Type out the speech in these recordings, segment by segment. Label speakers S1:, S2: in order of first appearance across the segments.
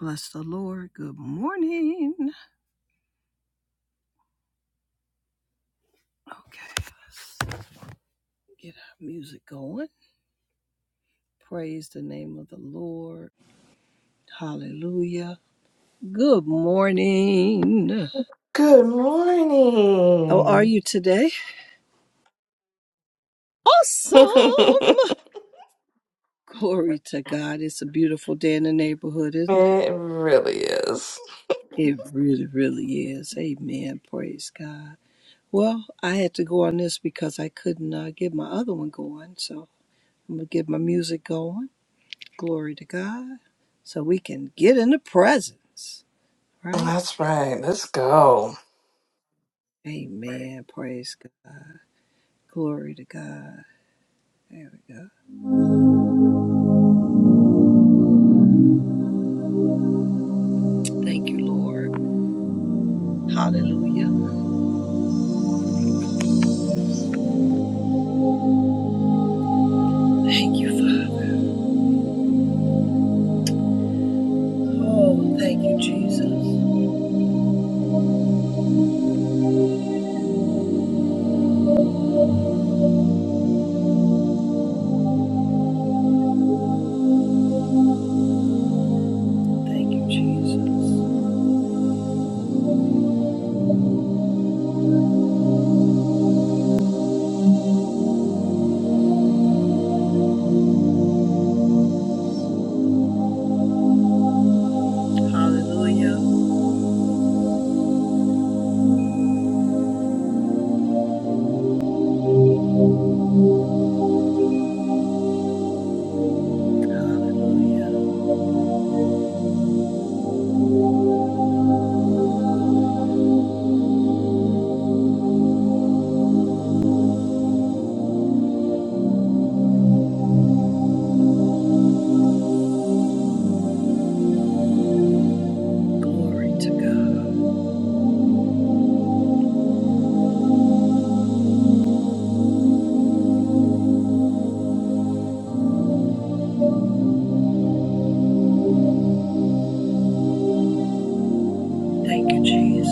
S1: Bless the Lord. Good morning. Okay, let's get our music going. Praise the name of the Lord. Hallelujah. Good morning.
S2: Good
S1: How are
S2: morning.
S1: you today? Awesome.
S2: it
S1: Glory to God. It's a beautiful day in the neighborhood, isn't it?
S2: really is.
S1: It really, really is. Amen. Praise God. Well, I had to go on this because I couldn't uh, get my other one going. So I'm going to get my music going. Glory to God. So we can get in the presence, right?
S2: That's right. Let's go.
S1: Amen. Praise God. Glory to God. There we go. Thank you, Lord. Hallelujah. Thank you, Father. Oh, thank you, Jesus. Thank you, Jesus. Hallelujah. Hallelujah. Glory to God. Thank you, Jesus.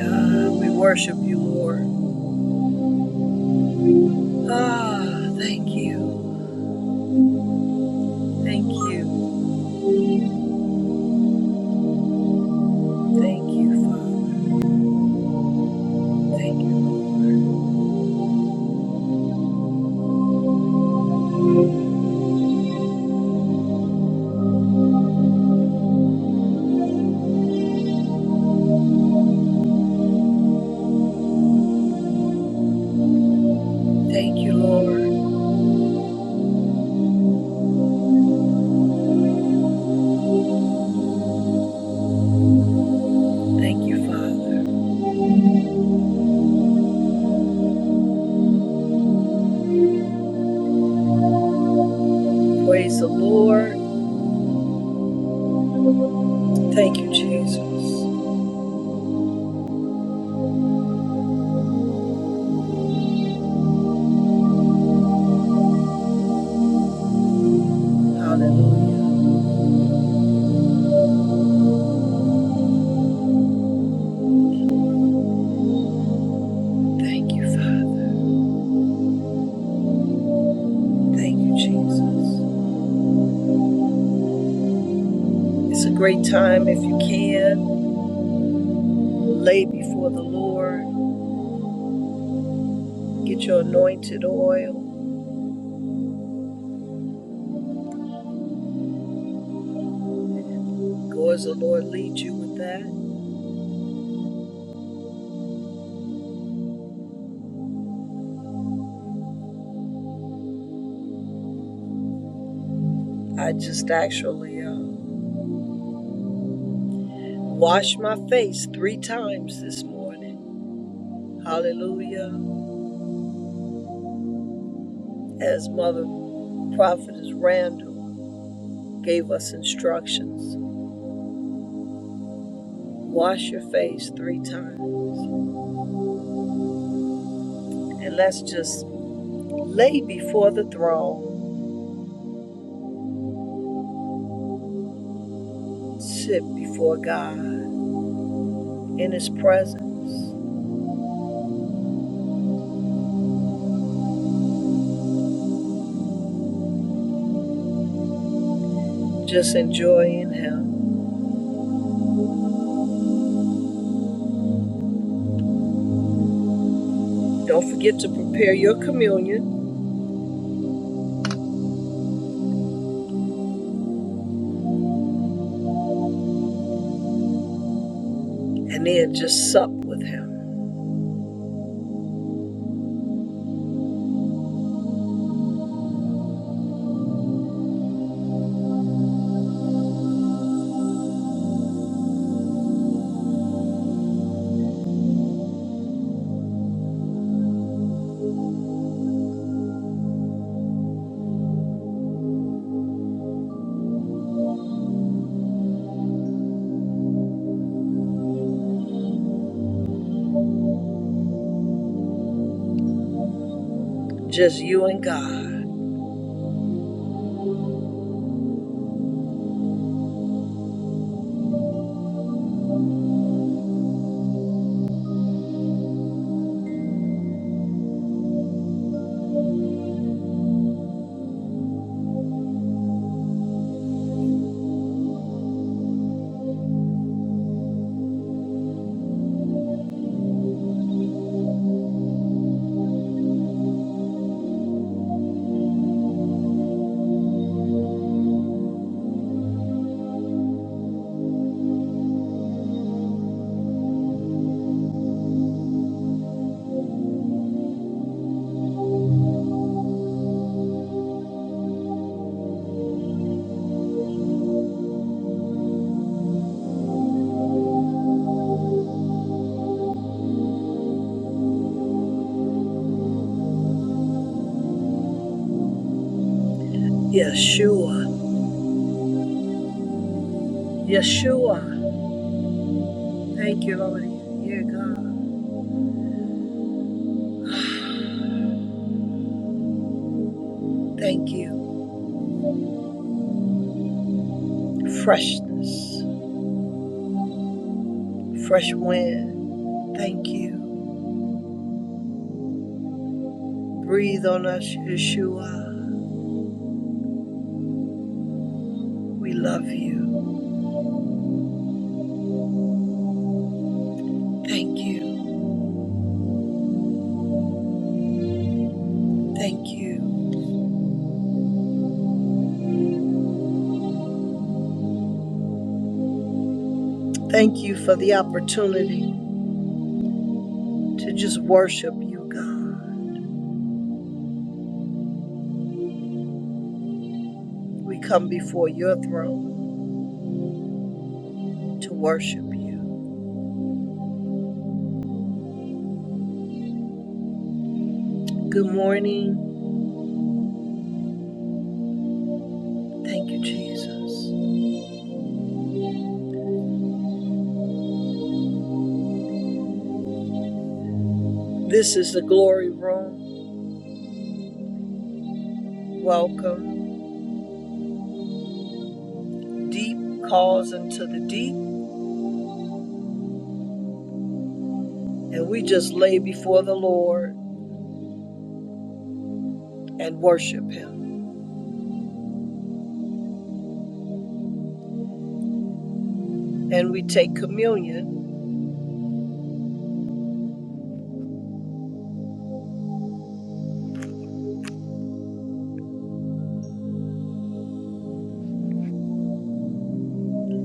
S1: Ah, we worship you, Lord. Ah, thank you. Thank you. Thank you, Father. Thank you, Lord. Thank you, Lord. Thank you, Father. Praise the Lord. Thank you, Jesus. Hallelujah. Thank you, Father. Thank you, Jesus. It's a great time if you can. Lay before the Lord. Get your anointed oil. Go as the Lord leads you with that. I just actually uh, washed my face three times this morning. Hallelujah. As Mother Prophetess Randall gave us instructions wash your face three times. And let's just lay before the throne, sit before God in His presence, just enjoying Him. Don't forget to prepare your communion and then just sup with Him. Just you and God. Yeshua. Yeshua. Thank you, Lord. Yeah, God. Thank you. Freshness. Fresh wind. Thank you. Breathe on us, Yeshua. We love you. Thank you. Thank you. Thank you for the opportunity to just worship you, God. We come before your throne to worship you. Good morning. Thank you, Jesus. This is the glory room. Welcome. Deep calls into the deep, and we just lay before the Lord and worship him. And we take communion,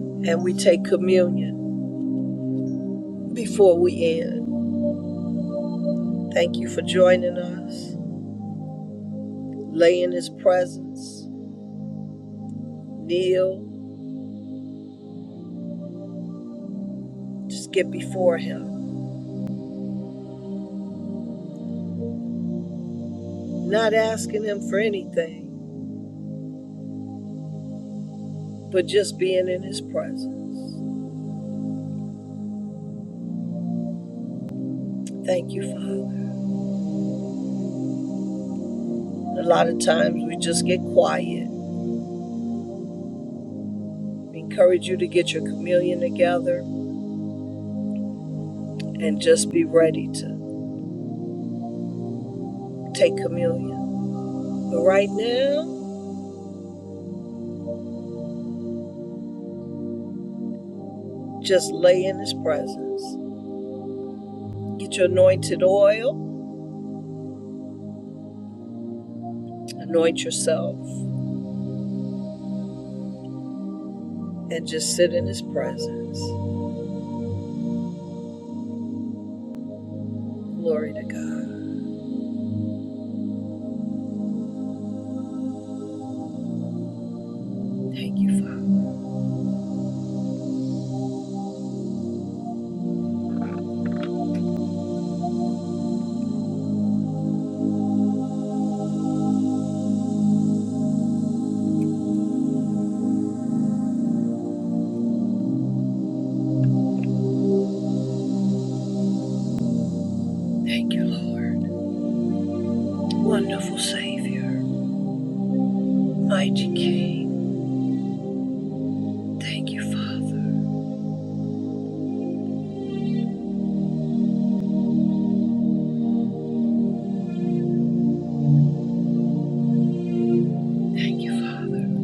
S1: and we take communion before we end. Thank you for joining us. Lay in His presence, kneel, just get before Him. Not asking Him for anything, but just being in His presence. Thank you, Father. A lot of times we just get quiet. We encourage you to get your communion together and just be ready to take communion. But right now, just lay in His presence. Get your anointed oil, anoint yourself, and just sit in His presence. Glory to God. Thank you, Father. Thank you, Lord. Wonderful Savior. Mighty King. Thank you, Father. Thank you, Father.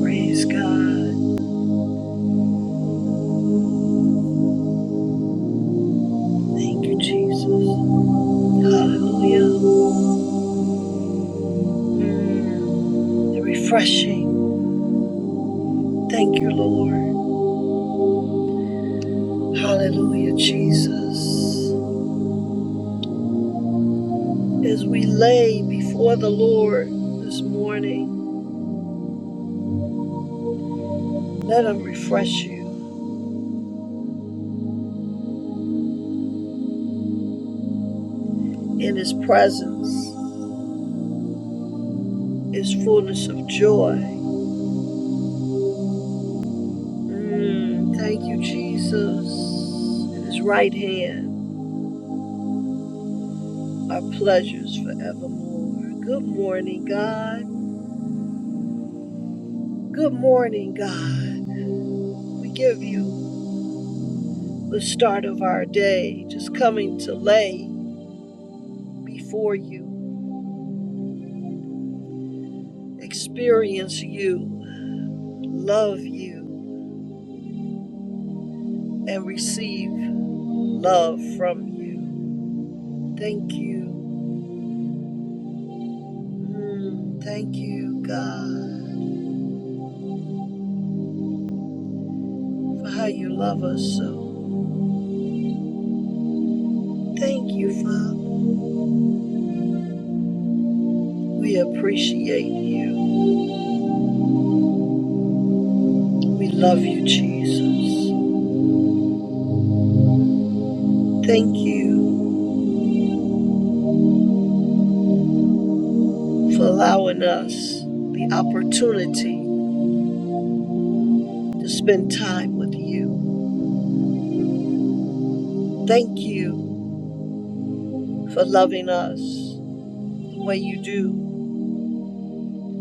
S1: Praise God. Thank you, Jesus. Hallelujah. Mm, The refreshing. Thank you, Lord. Hallelujah, Jesus. As we lay before the Lord this morning, let Him refresh you. In His presence is fullness of joy Mm, thank you, Jesus. In his right hand are pleasures forevermore. Good morning, God. Good morning, God. We give you the start of our day, just coming to lay before you, experience you, love you, and receive love from you. Thank you. Mm, thank you, God, for how you love us so. Thank you, Father. We appreciate you. We love you, Jesus. Thank you for allowing us the opportunity to spend time with you. Thank you for loving us the way you do.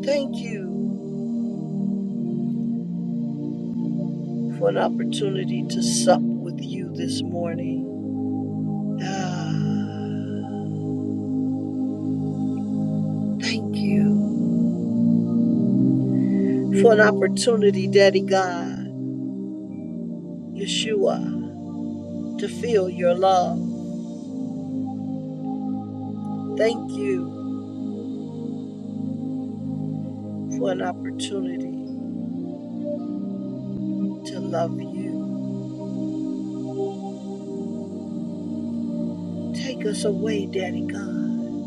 S1: Thank you for an opportunity to sup with you this morning. Ah, thank you for an opportunity, Daddy God, Yeshua, to feel your love. Thank you for an opportunity to love you. Take us away, Daddy God.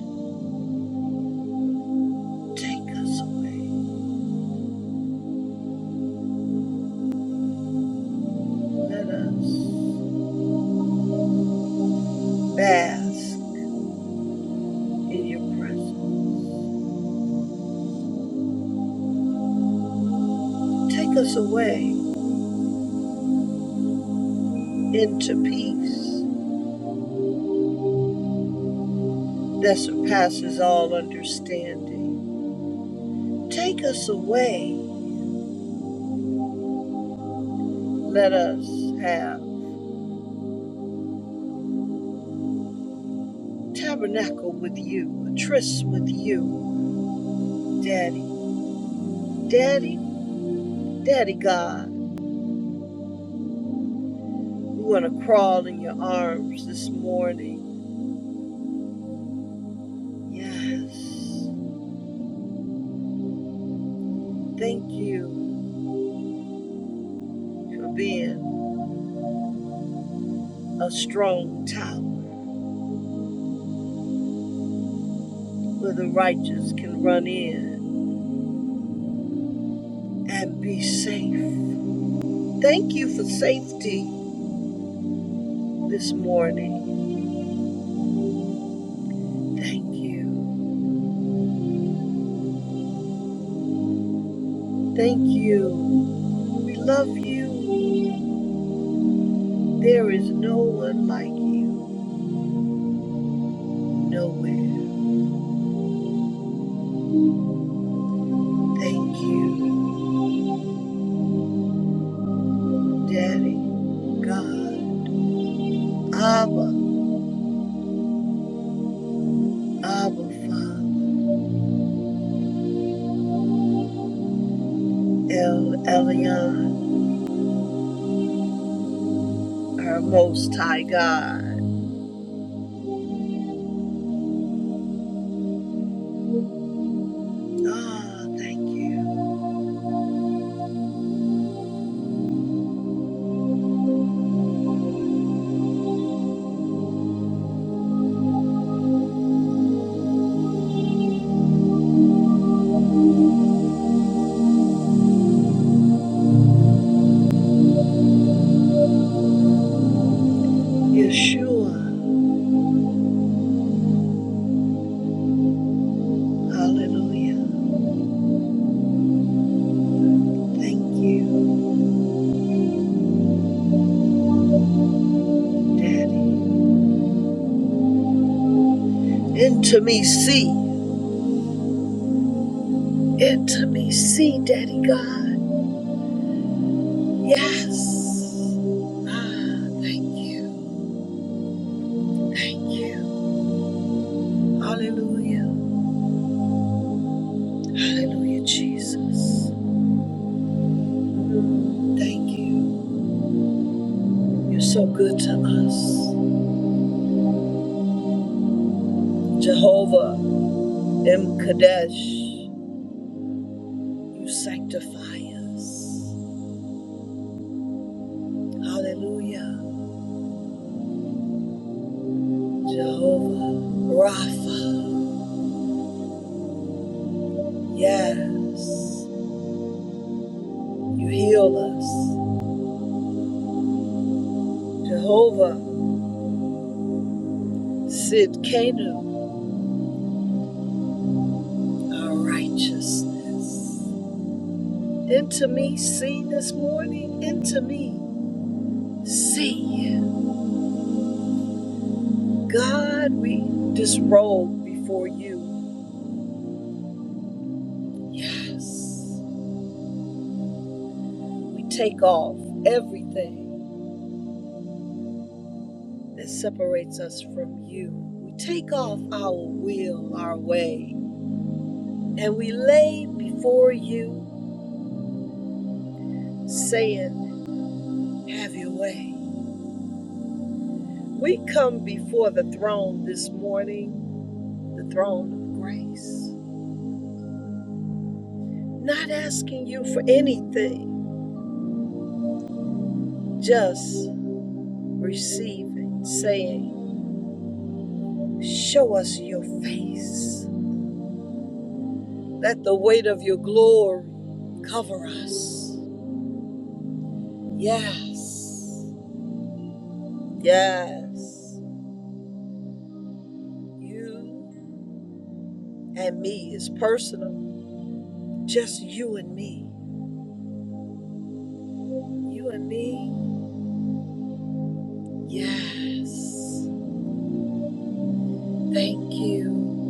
S1: Take us away. Let us bask in your presence. Take us away into peace that surpasses all understanding. Take us away. Let us have tabernacle with you, a tryst with you, Daddy. Daddy, Daddy God, we want to crawl in your arms this morning Yes. Thank you for being a strong tower where the righteous can run in and be safe. Thank you for safety this morning. Thank you. Thank you. We love you. There is no one like you nowhere. Thank you, Daddy, God, Abba, Abba, Father, El Elyon. our Most High God. Ah, oh, thank you, Yeshua. Hallelujah. Thank you, Daddy. Intimacy, intimacy, Daddy God. Yes. Ah, thank you. Thank you. Hallelujah. Hallelujah, Jesus. Mm, Thank you. You're so good to us. Jehovah M. Kadesh, you sanctify us. Hallelujah. Jehovah Rapha. Yes, you heal us. Jehovah Sidkenu, our righteousness. Into me, see this morning, into me, see. God, we disrobe before you. Yes, we take off everything that separates us from you. We take off our will, our way, and we lay before you saying, Have your way. We come before the throne this morning, the throne of grace, not asking you for anything, just receiving, saying, Show us your face. Let the weight of your glory cover us. Yes, yes. You and me is personal, just you and me. You and me, yes. Thank you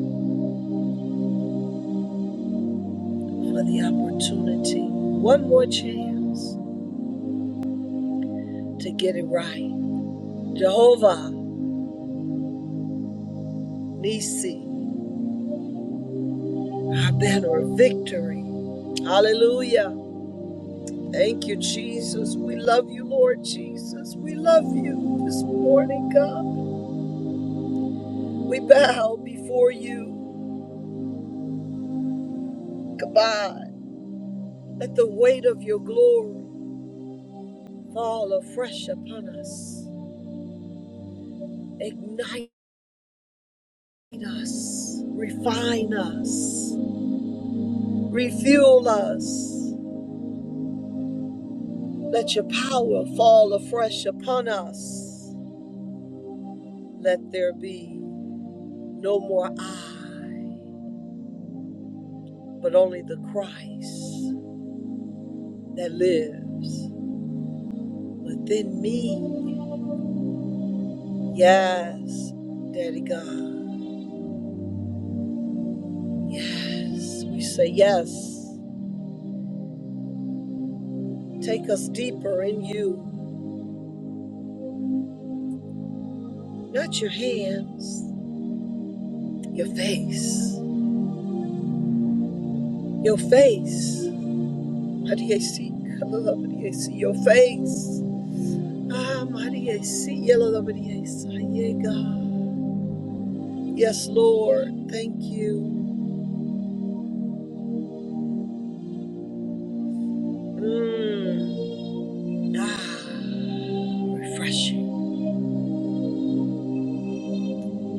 S1: for the opportunity. One more chance to get it right. Jehovah Nisi, our banner of victory. Hallelujah. Thank you, Jesus. We love you, Lord Jesus. We love you this morning, God. We bow before you. Goodbye. Let the weight of your glory fall afresh upon us. Ignite us. Refine us. Refuel us. Let your power fall afresh upon us. Let there be no more I, but only the Christ that lives within me. Yes, Daddy God. Yes, we say yes. Take us deeper in you, not your hands, your face. Your face. How do you see? I love it. you see Your face Ah, Maria, see, yellow the Maria, yeah, God. Yes, Lord, thank you. Mm. Ah, refreshing,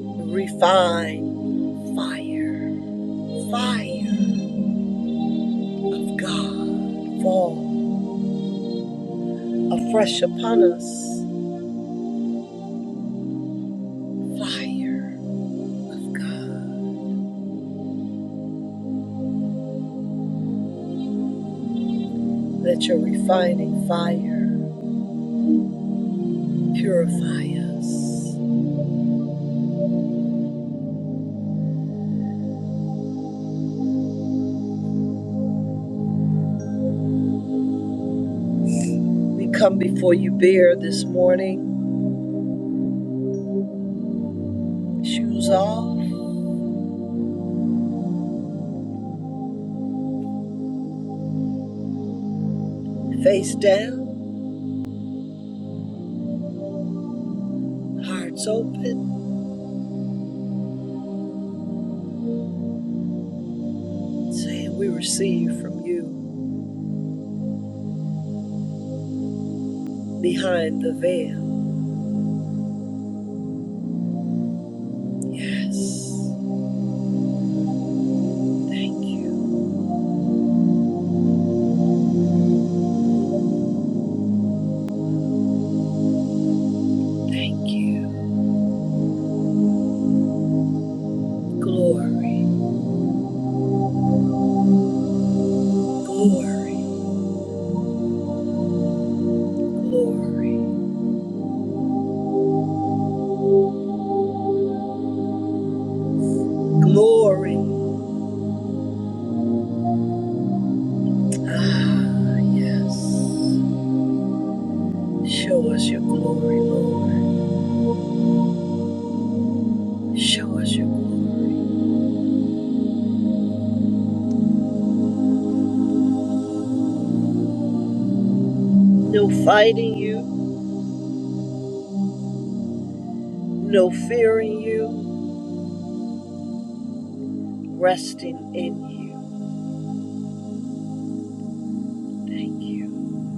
S1: refine, fire, fire of God, fall afresh upon us, fire of God. Let your refining fire purify us. We come before you bare this morning, shoes off, face down Hearts open, saying we receive from you behind the veil. Yes. Thank you. Thank you. Glory, glory, glory, glory. Ah, yes. Show us your glory, Lord. Show us your glory. No fighting you, no fearing you, resting in you. Thank you.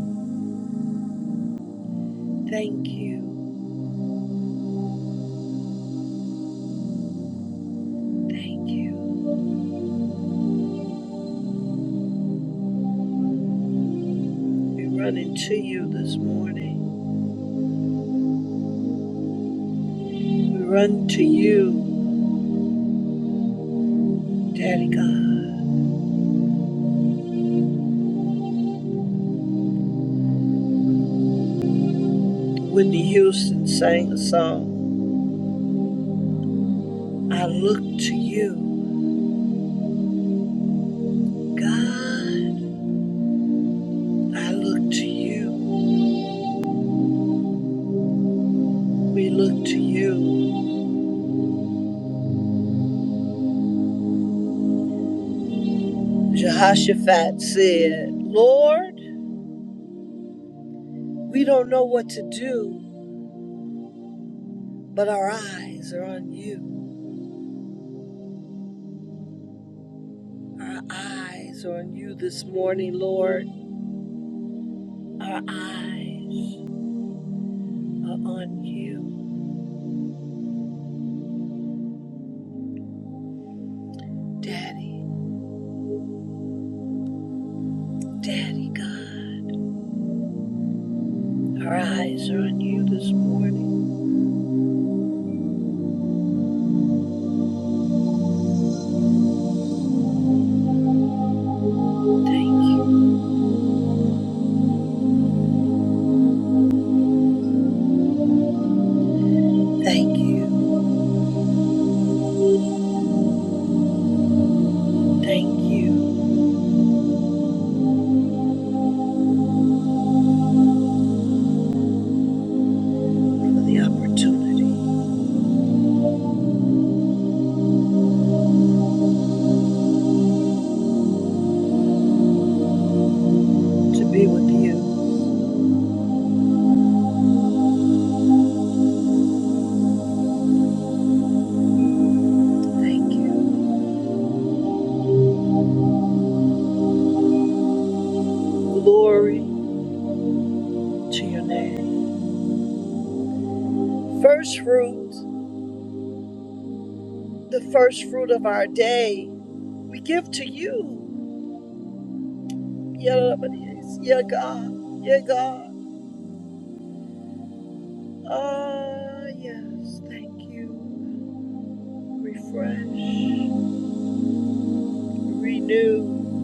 S1: Thank you. Thank you. We run into you this morning. We run to you, Daddy God. Whitney Houston sang a song. I look to you, God. I look to you. We look to you. Jehoshaphat said, Lord, we don't know what to do, but our eyes are on you. Our eyes are on you this morning, Lord. Our eyes are on you, Daddy, Daddy God. Our eyes are on you this morning. Thank you, thank you, thank you for the opportunity to be with you. Thank you. Glory to your name. First fruit, the first fruit of our day, we give to you. Yeah, but yes, yeah, God, yeah, God. Ah, oh, yes, thank you. Refresh, renew.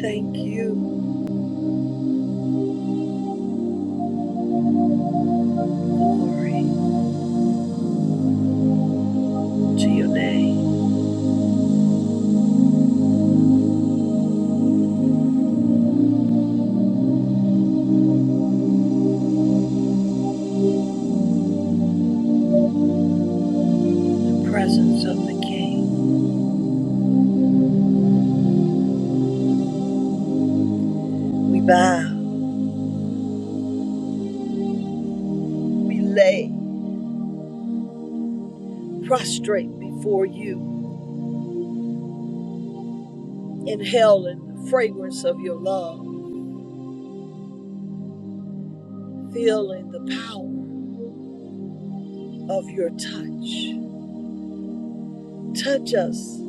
S1: Thank you. Glory to your name. presence of the King. We bow, we lay prostrate before you, inhaling the fragrance of your love, feeling the power of your touch. Touch us,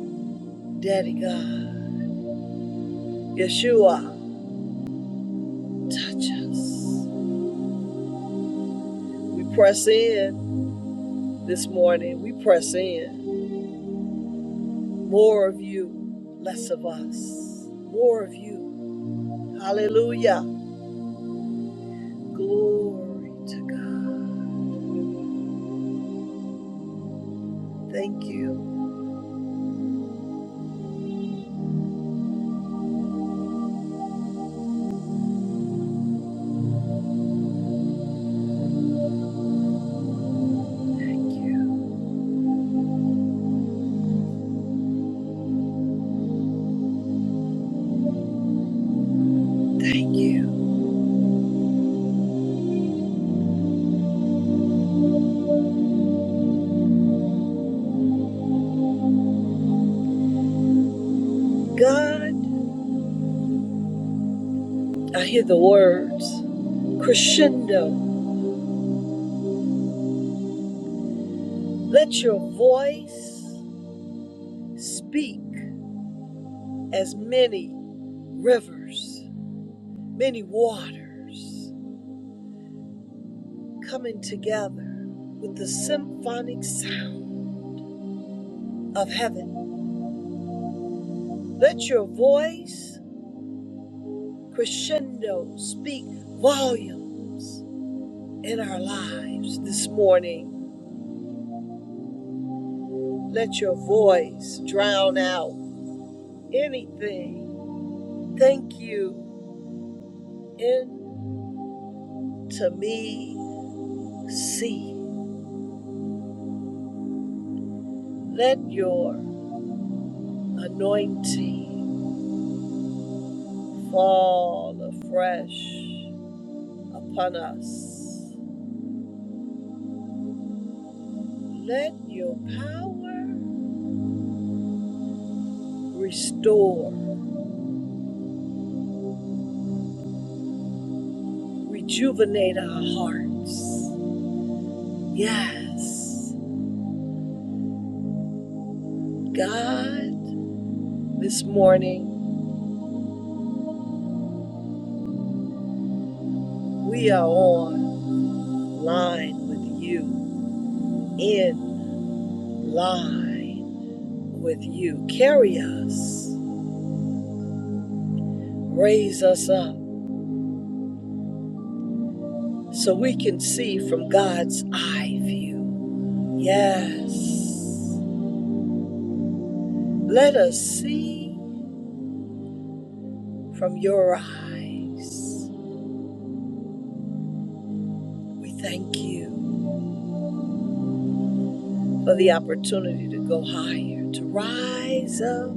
S1: Daddy God. Yeshua, touch us. We press in this morning. We press in. More of you, less of us. More of you. Hallelujah. Glory to God. Thank you. Thank you. thank you, God, I hear the words crescendo. Let your voice speak as many rivers, many waters coming together with the symphonic sound of heaven. Let your voice crescendo speak volumes in our lives this morning. Let your voice drown out anything Thank you into me, see. Let your anointing fall afresh upon us. Let your power restore, rejuvenate our hearts. Yes, God, this morning we are on line with you, in line with you. Carry us raise us up so we can see from God's eye view. Yes. Let us see from your eyes. We thank you for the opportunity to go higher, to rise up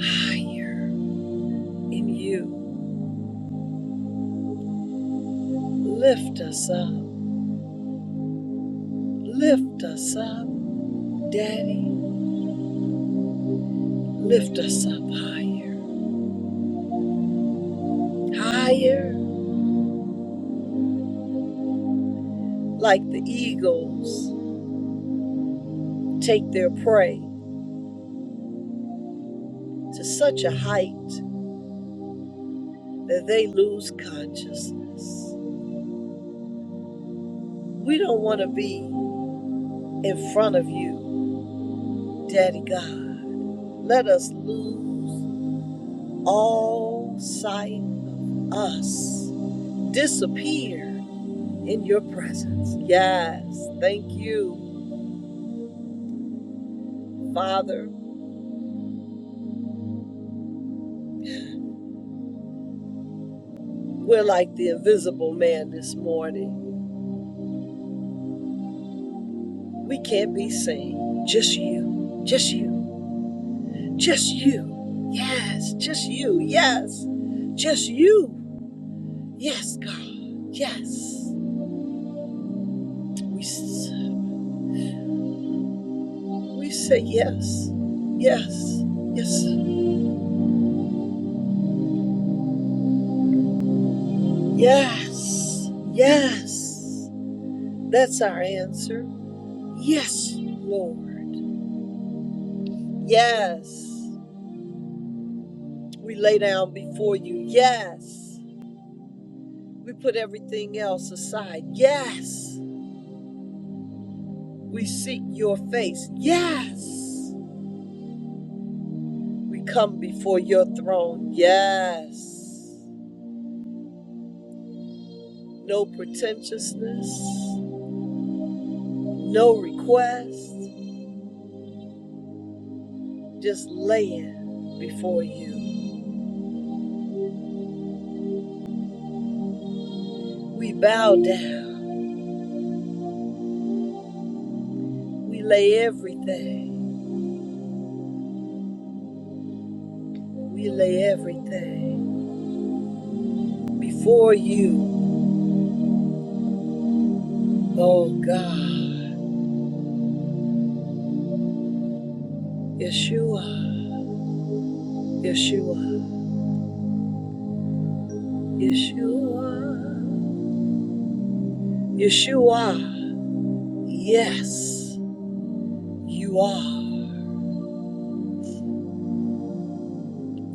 S1: higher in you. Lift us up. Lift us up, Daddy. Lift us up higher. Higher, like the eagles take their prey. to such a height that they lose consciousness. We don't want to be in front of you, Daddy God. Let us lose all sight of us, disappear in your presence. Yes, thank you, Father. We're like the invisible man this morning. We can't be seen. Just you, just you, just you. Yes, just you, yes, just you. Yes, God. Yes. We, we say yes. Yes. Yes. Yes. Yes. That's our answer. Yes, Lord. Yes. We lay down before you. Yes. We put everything else aside. Yes. We seek your face. Yes. We come before your throne. Yes. No pretentiousness. No request, just laying before you. We bow down. We lay everything. We lay everything before you, oh God. Yeshua, Yeshua, Yeshua, Yeshua. Yes, you are.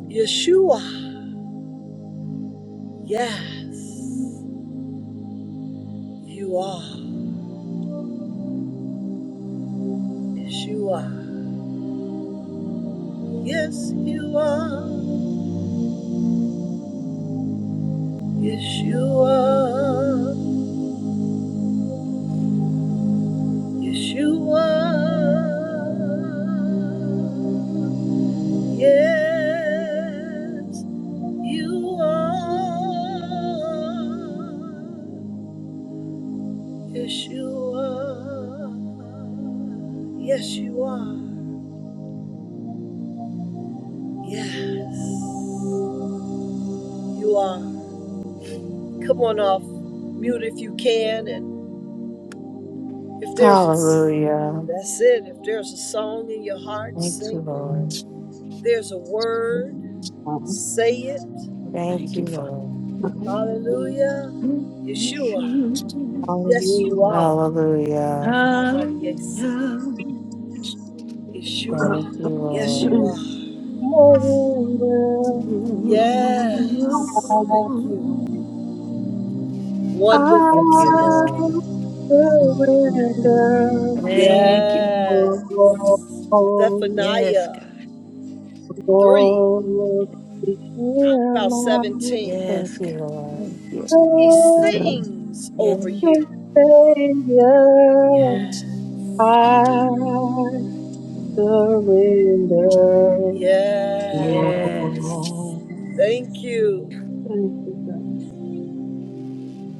S1: Yeshua, yes, you are. Yeshua, yes, you are. Yeshua, Yeshua, yes, you are. Yeshua, yes, you are. Yes. You are. Come on off mute if you can, and if there's a,
S2: Hallelujah.
S1: that's it. If there's a song in your heart,
S2: Thank you,
S1: sing it.
S2: Lord.
S1: If there's a
S3: Father,
S1: word. Say it.
S2: Thank
S4: Thank
S2: you,
S4: you, Father.
S2: Lord.
S3: hallelujah.
S1: Hallelujah. Yeshua.
S4: Yeshua.
S1: Yes,
S5: Hallelujah.
S1: you are.
S2: Hallelujah.
S4: Hallelujah.
S1: Hamadiyesi.
S2: Thank
S1: Yeshua.
S2: you,
S1: Yes,
S3: Thank
S1: you
S3: you,
S2: Lord.
S1: are. Yes.
S5: Surrender.
S1: Thank you. Wonderful
S2: Thank you,
S4: Yes,
S1: Savior.
S4: God.
S2: Lord.
S5: I
S3: thank you,
S5: surrender.
S4: Thank you.
S1: Yes.
S5: Oh, oh,
S4: Yes,
S1: Zephaniah
S4: God.
S1: 3,
S5: Lord, hear
S1: about
S5: my
S1: 17.
S4: Yes,
S2: Thank you,
S4: God.
S2: Lord.
S4: Thank you.
S1: He
S5: precious
S3: God.
S1: sings over
S4: Yes.
S1: you.
S5: Savior.
S1: Yes.
S5: I surrender. Oh,
S1: Yes.
S4: Yes.
S1: Thank you.
S3: Thank you, God.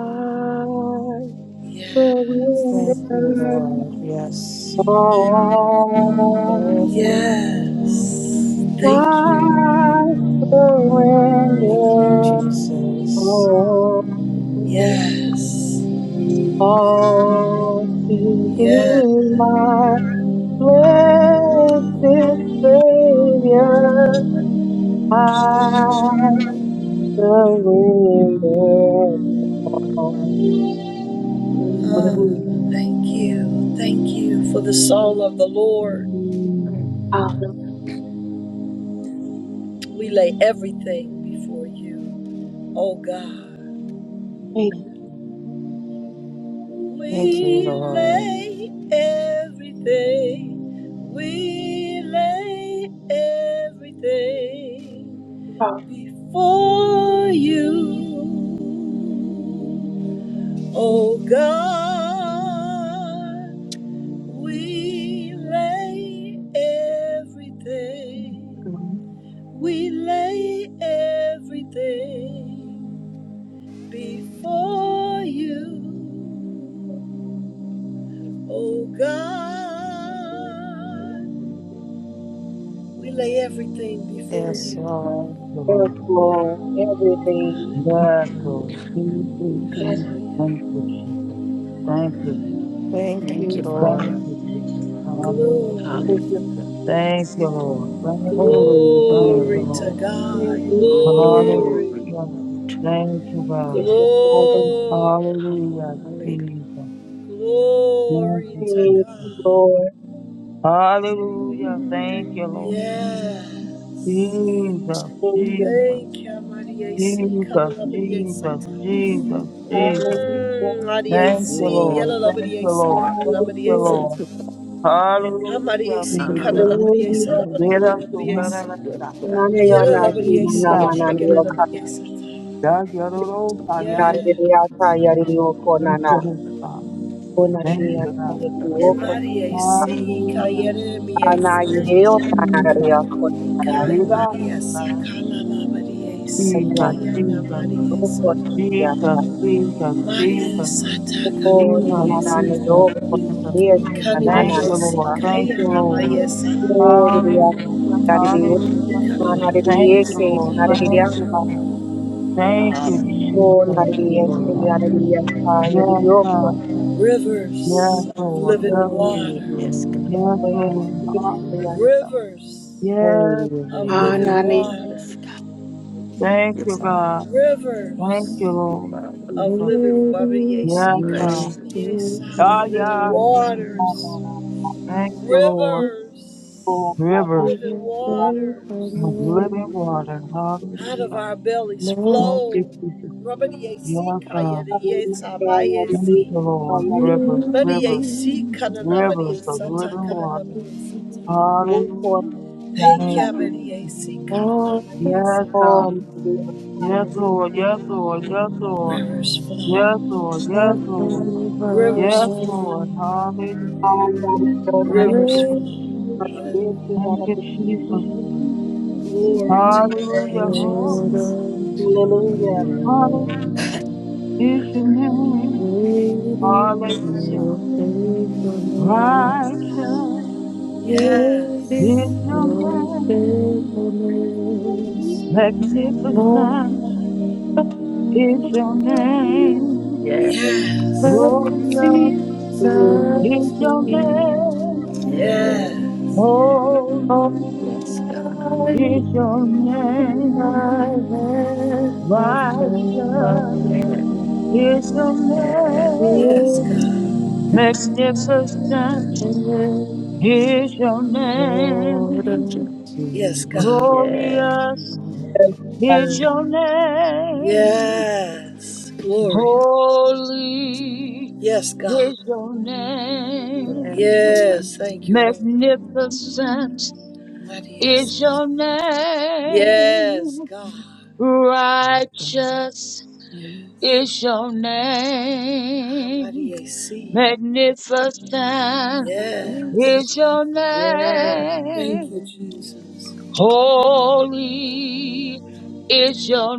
S5: I
S1: Yes.
S2: Thank you,
S5: surrender.
S2: Lord. Yes.
S5: Oh,
S4: Yes, God.
S1: Yes. Thank you.
S5: I
S2: Thank you,
S5: surrender
S2: Jesus.
S5: all,
S4: Yes, God.
S1: Yes.
S5: all to
S1: Yes.
S5: thee, my blessed Savior. I surrender all.
S3: Hallelujah.
S5: Hallelujah.
S1: Oh, thank you. Thank you for the song of the Lord.
S3: Mm,
S4: Yes.
S5: Hallelujah.
S1: We lay everything before you, oh God.
S4: Thank you. Father.
S2: Thank you,
S1: We
S2: Lord.
S1: lay everything. We lay everything before you, oh God. We lay everything,
S3: God,
S1: we lay everything before you, oh God. We lay everything before
S2: Yes,
S1: you.
S6: Thank
S2: Lord.
S6: you,
S5: Yes,
S6: Lord.
S5: Lord, everything,
S3: bless
S6: Yes,
S3: you.
S6: Lord.
S3: Anything, God.
S5: everything,
S6: Thank you, Jesus. Thank you, Jesus.
S2: Thank
S4: Thank
S2: you,
S4: you, Father.
S2: Lord.
S6: Thank you, Jesus. Hallelujah.
S5: your
S1: Glory,
S4: Hallelujah.
S6: Thank you, Lord. Thank you, Lord.
S2: Holy is your
S4: Hallelujah.
S6: Thank you,
S1: glory
S2: name.
S1: to
S6: Lord.
S1: God,
S5: praise,
S1: glory,
S4: Glory.
S6: Hallelujah.
S4: to-
S6: Thank you, God.
S5: your Father.
S1: glory,
S6: Hallelujah,
S4: Hallelujah.
S6: Jesus. Thank
S1: glory
S6: you,
S1: to
S5: Thank
S6: Jesus.
S5: you,
S1: God.
S5: Lord.
S6: Hallelujah. Thank you, Lord.
S4: Yes,
S1: Yeah.
S6: Jesus,
S5: Thank you.
S6: Jesus,
S1: Thank you, Mariasi,
S6: Jesus, Jesus,
S1: Kalalabadiasata. Mmm,
S6: Jesus, Jesus.
S5: Hallelujah.
S6: Thank you,
S1: Mariasi,
S6: Lord. Thank you,
S1: Yalalabadiasa,
S6: Lord. Thank you, Lord.
S5: Hallelujah.
S4: Thank
S1: Kalalabadiasata.
S4: you.
S6: Hallelujah,
S1: Kamariasi,
S3: Never go
S6: Jesus.
S4: Ah,
S3: back.
S1: Kalalabadiasa,
S3: and
S5: Hallelujah.
S3: go to
S6: Get us to
S3: the
S1: Labadigulabadiasi.
S6: Paradise.
S4: yes, yeah.
S5: Nana yo nashi na shi
S1: Yalalabadiasi,
S5: na na
S4: What
S5: na
S4: a
S6: Jesus,
S5: na
S4: stuff
S5: ni
S4: that
S5: yo
S4: I
S6: Jesus.
S5: ka
S1: Labadigulabadiasata.
S4: want
S6: God, you're the Lord,
S4: to
S6: God,
S4: see.
S6: you're
S5: na
S6: the
S5: ri
S1: Yeah.
S6: Lord.
S5: ri ya ta ya ri ri o ko na
S6: Thank
S5: na
S6: you,
S4: Stuff
S6: Lord
S4: that I
S6: God.
S4: want
S5: ko na
S4: to
S5: ri ri
S4: show
S6: Thank
S5: ya
S6: you,
S5: na
S4: you
S6: God.
S4: that
S5: ya ri ri
S4: I
S5: o
S1: And
S5: ko
S4: like.
S5: na
S1: Mariasi,
S6: Hallelujah,
S5: na na
S1: Kayeremiasa.
S4: Ah,
S5: yu he o
S4: I
S5: ta
S4: like-
S5: na ri
S6: Jesus.
S5: ya ko na na
S1: Kai
S6: Get us to
S1: Mariasa,
S6: Paradise.
S5: na ri ya
S6: Jesus,
S5: na
S6: Jesus,
S5: o
S1: Mariasa.
S5: ko na ri ya
S6: Jesus,
S5: ta
S6: Jesus, Jesus,
S1: Mariasata,
S5: o
S4: Yes,
S5: na
S6: Jesus,
S5: na na na yo
S6: Jesus,
S5: ko
S6: Jesus.
S5: ni ya si na na na
S6: Thank you,
S5: na
S6: Lord.
S5: ta
S6: Thank you, Lord.
S5: o ri ri ya
S6: Hallelujah,
S5: ta ri ri o
S6: hallelujah.
S5: na na ri ri ye
S6: Thank you,
S5: ke na
S6: Lord.
S5: na ri ri ya
S6: Thank you,
S5: ta
S6: Lord. Thank you,
S4: Father.
S5: o
S6: Jesus.
S5: na
S2: Thank
S5: ri ri
S2: you,
S5: ye ke
S6: Jesus.
S5: ya na ri
S2: Lord.
S5: ri ya ta ya ri
S6: Yes,
S5: ri o
S6: God. Yes,
S1: Rivers of
S6: Lord.
S1: living
S6: Yes,
S5: Gloria,
S6: Lord.
S2: Holy is
S1: water,
S2: your
S4: Yes, God.
S2: name.
S6: Yes,
S5: gloria,
S6: Lord. Hallelujah.
S5: gloria.
S1: rivers
S2: Holy
S6: Yes,
S2: is
S1: of
S2: your name.
S1: living
S6: Jesus.
S5: Anani,
S6: Yes.
S4: Yes,
S1: water,
S4: God.
S6: Thank
S4: Yes,
S6: you,
S4: Father.
S6: God. Thank
S1: rivers
S6: you,
S4: Thank you,
S6: Lord.
S4: Father.
S1: of
S6: Jesus.
S1: living
S2: Worthy is your
S1: water,
S6: Yes,
S4: Bless
S6: God.
S2: name.
S6: Ah,
S1: living
S6: yeah. Jesus.
S1: waters,
S5: anana,
S6: Thank you, Lord.
S2: Worthy
S1: rivers of
S5: kokona.
S6: Rivers
S2: is
S1: living
S2: your name.
S5: Gloria,
S1: waters
S6: of living water.
S1: out of
S6: Hallelujah.
S1: our bellies
S2: Lord,
S6: Thank you,
S1: flow.
S6: Jesus. Yes, God.
S5: gloria,
S4: you.
S6: Thank
S5: gloria,
S6: you, Lord.
S5: gloria.
S6: Rivers,
S4: Yeah,
S2: you
S1: Maria
S6: rivers,
S1: si kanana Maria
S6: rivers of
S1: sata
S6: living
S1: kanana
S6: water.
S1: Maria sata.
S2: are
S5: Do
S6: Hallelujah.
S5: for
S1: Thank
S5: Yasna.
S6: Thank
S1: you,
S6: you,
S1: Maria
S6: Jesus.
S1: si kanana
S2: all that
S1: Maria
S6: Yes,
S1: sata.
S6: God.
S5: All
S2: I
S5: the
S6: Yes,
S5: refinery.
S6: Lord. Yes, Lord. Yes, Lord.
S2: need.
S1: Rivers
S6: Yes,
S1: flow,
S2: I
S6: Lord.
S1: rivers
S6: Yes, Lord. Yes,
S2: surrender.
S6: Lord.
S1: flow,
S6: Hallelujah.
S5: And our
S2: Great is your
S5: daughter,
S6: Thank
S1: rivers
S6: you. Lord.
S1: flow. Hallelujah.
S6: Thank you, Jesus.
S2: faithfulness,
S1: Glory to your
S6: Hallelujah.
S1: name,
S2: Lord,
S6: Holy.
S1: Jesus.
S2: unto
S5: Hallelujah.
S2: me.
S6: Hallelujah. Is your name.
S2: Great is
S6: Hallelujah.
S2: your faithfulness.
S6: Righteous
S2: Great is
S6: is
S1: Yes,
S6: your
S2: your
S6: name.
S2: faithfulness.
S6: Magnificent
S2: Morning by
S6: is your
S2: morning,
S6: name.
S1: yes,
S6: Glorious
S2: mercies I
S5: Hallelujah.
S6: is your
S2: see.
S6: name.
S4: yeah,
S1: yes,
S2: All
S6: Holy.
S4: yes,
S2: that
S4: God.
S2: I
S6: is
S2: need
S6: your
S2: is thy
S6: name.
S2: hand has
S6: Righteous
S4: Yeah,
S2: provided.
S6: is
S4: yeah,
S6: your
S1: yes,
S6: name.
S2: Great is
S1: God,
S2: your
S6: Magnificent
S2: faithfulness,
S6: is your
S2: Lord,
S4: thank you.
S6: name.
S2: unto
S1: yes, God,
S2: me.
S4: Yeah.
S6: Glorious
S5: Thank
S6: is
S5: you.
S6: your name.
S1: yes, glory,
S4: Yeah,
S6: Holy
S1: yes, God,
S6: is your
S4: God.
S6: name.
S1: yes. Thank you, Lord.
S6: Magnificent
S1: Maria
S6: is
S1: sata.
S6: your
S1: Yes,
S6: name.
S1: God.
S6: Righteous is your
S1: Almighty
S6: name.
S1: AC.
S6: Magnificent
S1: Yes.
S6: is your
S1: Thank
S6: name.
S1: you, Jesus.
S6: Holy is your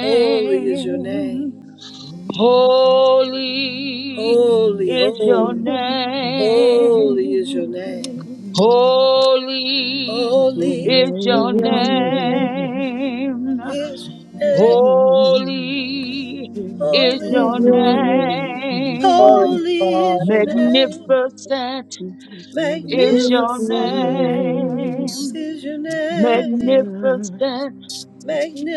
S1: Holy is your name.
S6: Holy
S1: Holy,
S6: is your
S1: holy.
S4: Yeah.
S1: Holy is
S6: name.
S1: your
S4: Thank
S1: name.
S4: you.
S6: Holy
S1: Holy
S6: is
S2: Is
S6: your
S2: your name,
S6: name.
S1: is your name.
S6: Holy is
S2: is
S6: your
S1: Holy.
S2: your name,
S6: name.
S5: Glory to
S1: Holy is
S5: God.
S1: your name.
S6: Magnificent is
S2: is
S6: your
S2: your
S1: Magnificent
S6: name.
S2: name.
S1: is your name.
S6: Magnificent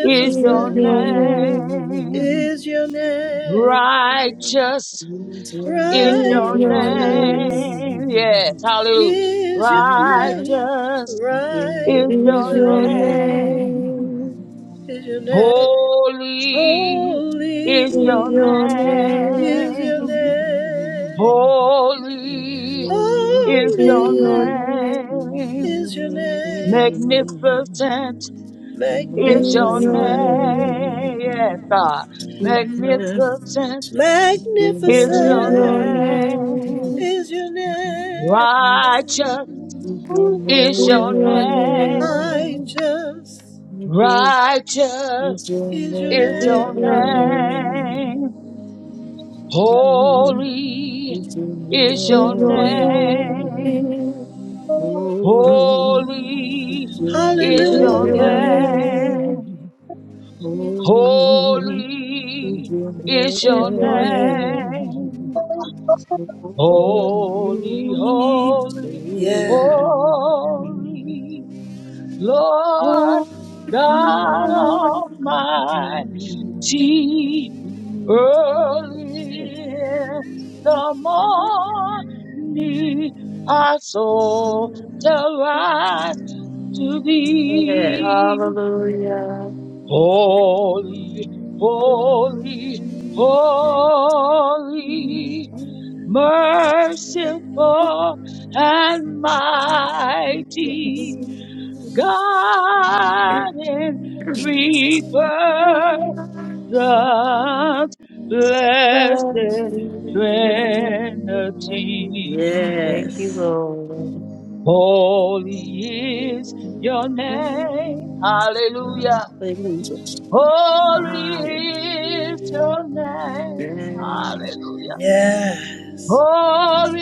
S6: is
S2: Is
S6: your
S2: your name,
S6: name.
S1: is your name.
S6: Righteous is
S2: is
S6: your
S2: your name, is your
S1: Righteous
S2: name,
S6: name. Yes, hallelujah.
S1: is your name.
S6: Righteous
S1: Righteous
S6: is your
S2: is your
S6: name.
S2: name,
S1: is your name.
S6: Holy
S1: Holy
S6: is
S2: is
S6: your
S2: your
S1: is
S6: name.
S1: your
S2: name,
S1: name.
S6: Holy is
S4: Holy,
S2: is
S6: your
S2: your
S1: Holy
S2: name,
S6: name.
S1: is your name.
S6: Magnificent is
S2: is
S6: your
S2: your name,
S1: Magnificent.
S6: name, yes, God. Magnificent is
S2: is
S6: your
S2: your
S1: Magnificent
S2: name,
S6: name.
S1: is your name.
S6: Righteous is
S2: is your name, is
S6: your
S2: your name,
S6: name.
S1: Righteous
S6: Righteous
S4: it's your
S1: is your
S6: is
S2: is
S6: your
S1: name.
S4: name.
S6: name. Holy is your name. Holy is your
S2: your
S1: Hallelujah.
S2: name,
S6: name.
S4: Holy is
S6: Holy
S4: your
S6: is
S2: is
S6: your
S2: your name.
S4: name.
S6: name.
S4: Holy,
S6: Holy, holy,
S1: Yeah.
S4: holy,
S6: holy, Lord
S2: Lord,
S6: God Almighty. Early in the
S2: Lord,
S6: morning, our soul shall rise to
S4: holy.
S6: thee.
S2: Hallelujah.
S6: Holy, holy, holy, merciful and
S4: Yes.
S6: mighty
S4: Yes.
S6: God in three persons, blessed
S2: Thank
S6: Trinity.
S4: Yes.
S2: you,
S6: Holy is your name. Hallelujah.
S4: Hallelujah.
S6: Holy
S4: Hallelujah.
S6: is your name. Hallelujah.
S1: Yes.
S6: Holy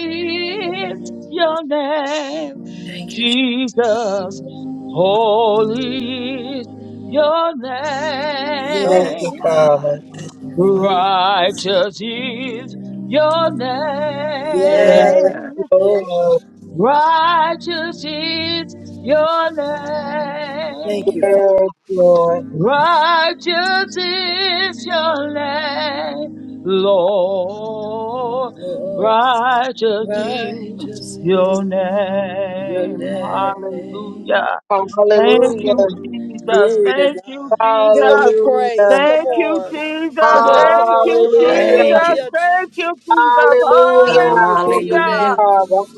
S6: is your name.
S1: Thank you. Jesus.
S6: Jesus, holy is your
S4: Yes.
S5: Thank
S4: Yes.
S5: you,
S1: Yes,
S6: name.
S1: God.
S5: Father.
S1: Thank you, Father.
S6: Righteous is your
S4: Yes,
S5: Yes,
S1: Yes.
S4: God.
S6: name.
S1: Lord.
S5: Lord.
S6: Righteous is your
S1: Thank
S6: name.
S1: you, Father.
S5: Yes, Lord.
S6: Righteous is your name, Lord.
S1: Lord.
S6: Righteous is
S1: Righteous is
S6: your
S1: your
S6: name.
S1: name.
S6: Hallelujah.
S5: Oh,
S6: Thank
S5: hallelujah.
S6: you, Jesus.
S1: Glory to
S6: Thank you,
S1: God. Give him
S6: Jesus.
S1: the
S5: Hallelujah.
S1: praise. Come
S6: Thank you,
S1: on.
S4: Your
S1: Come
S6: Jesus.
S1: on,
S4: Lord.
S1: come
S6: Thank you,
S1: on.
S5: Hallelujah.
S4: Thank
S6: Jesus.
S4: you.
S1: Hallelujah,
S6: Thank
S1: Jesus.
S6: you, Jesus.
S5: Hallelujah.
S1: Glory
S5: Thank
S1: to
S5: you,
S1: your
S6: Hallelujah.
S4: Hallelujah.
S1: name,
S5: Father.
S1: Jesus.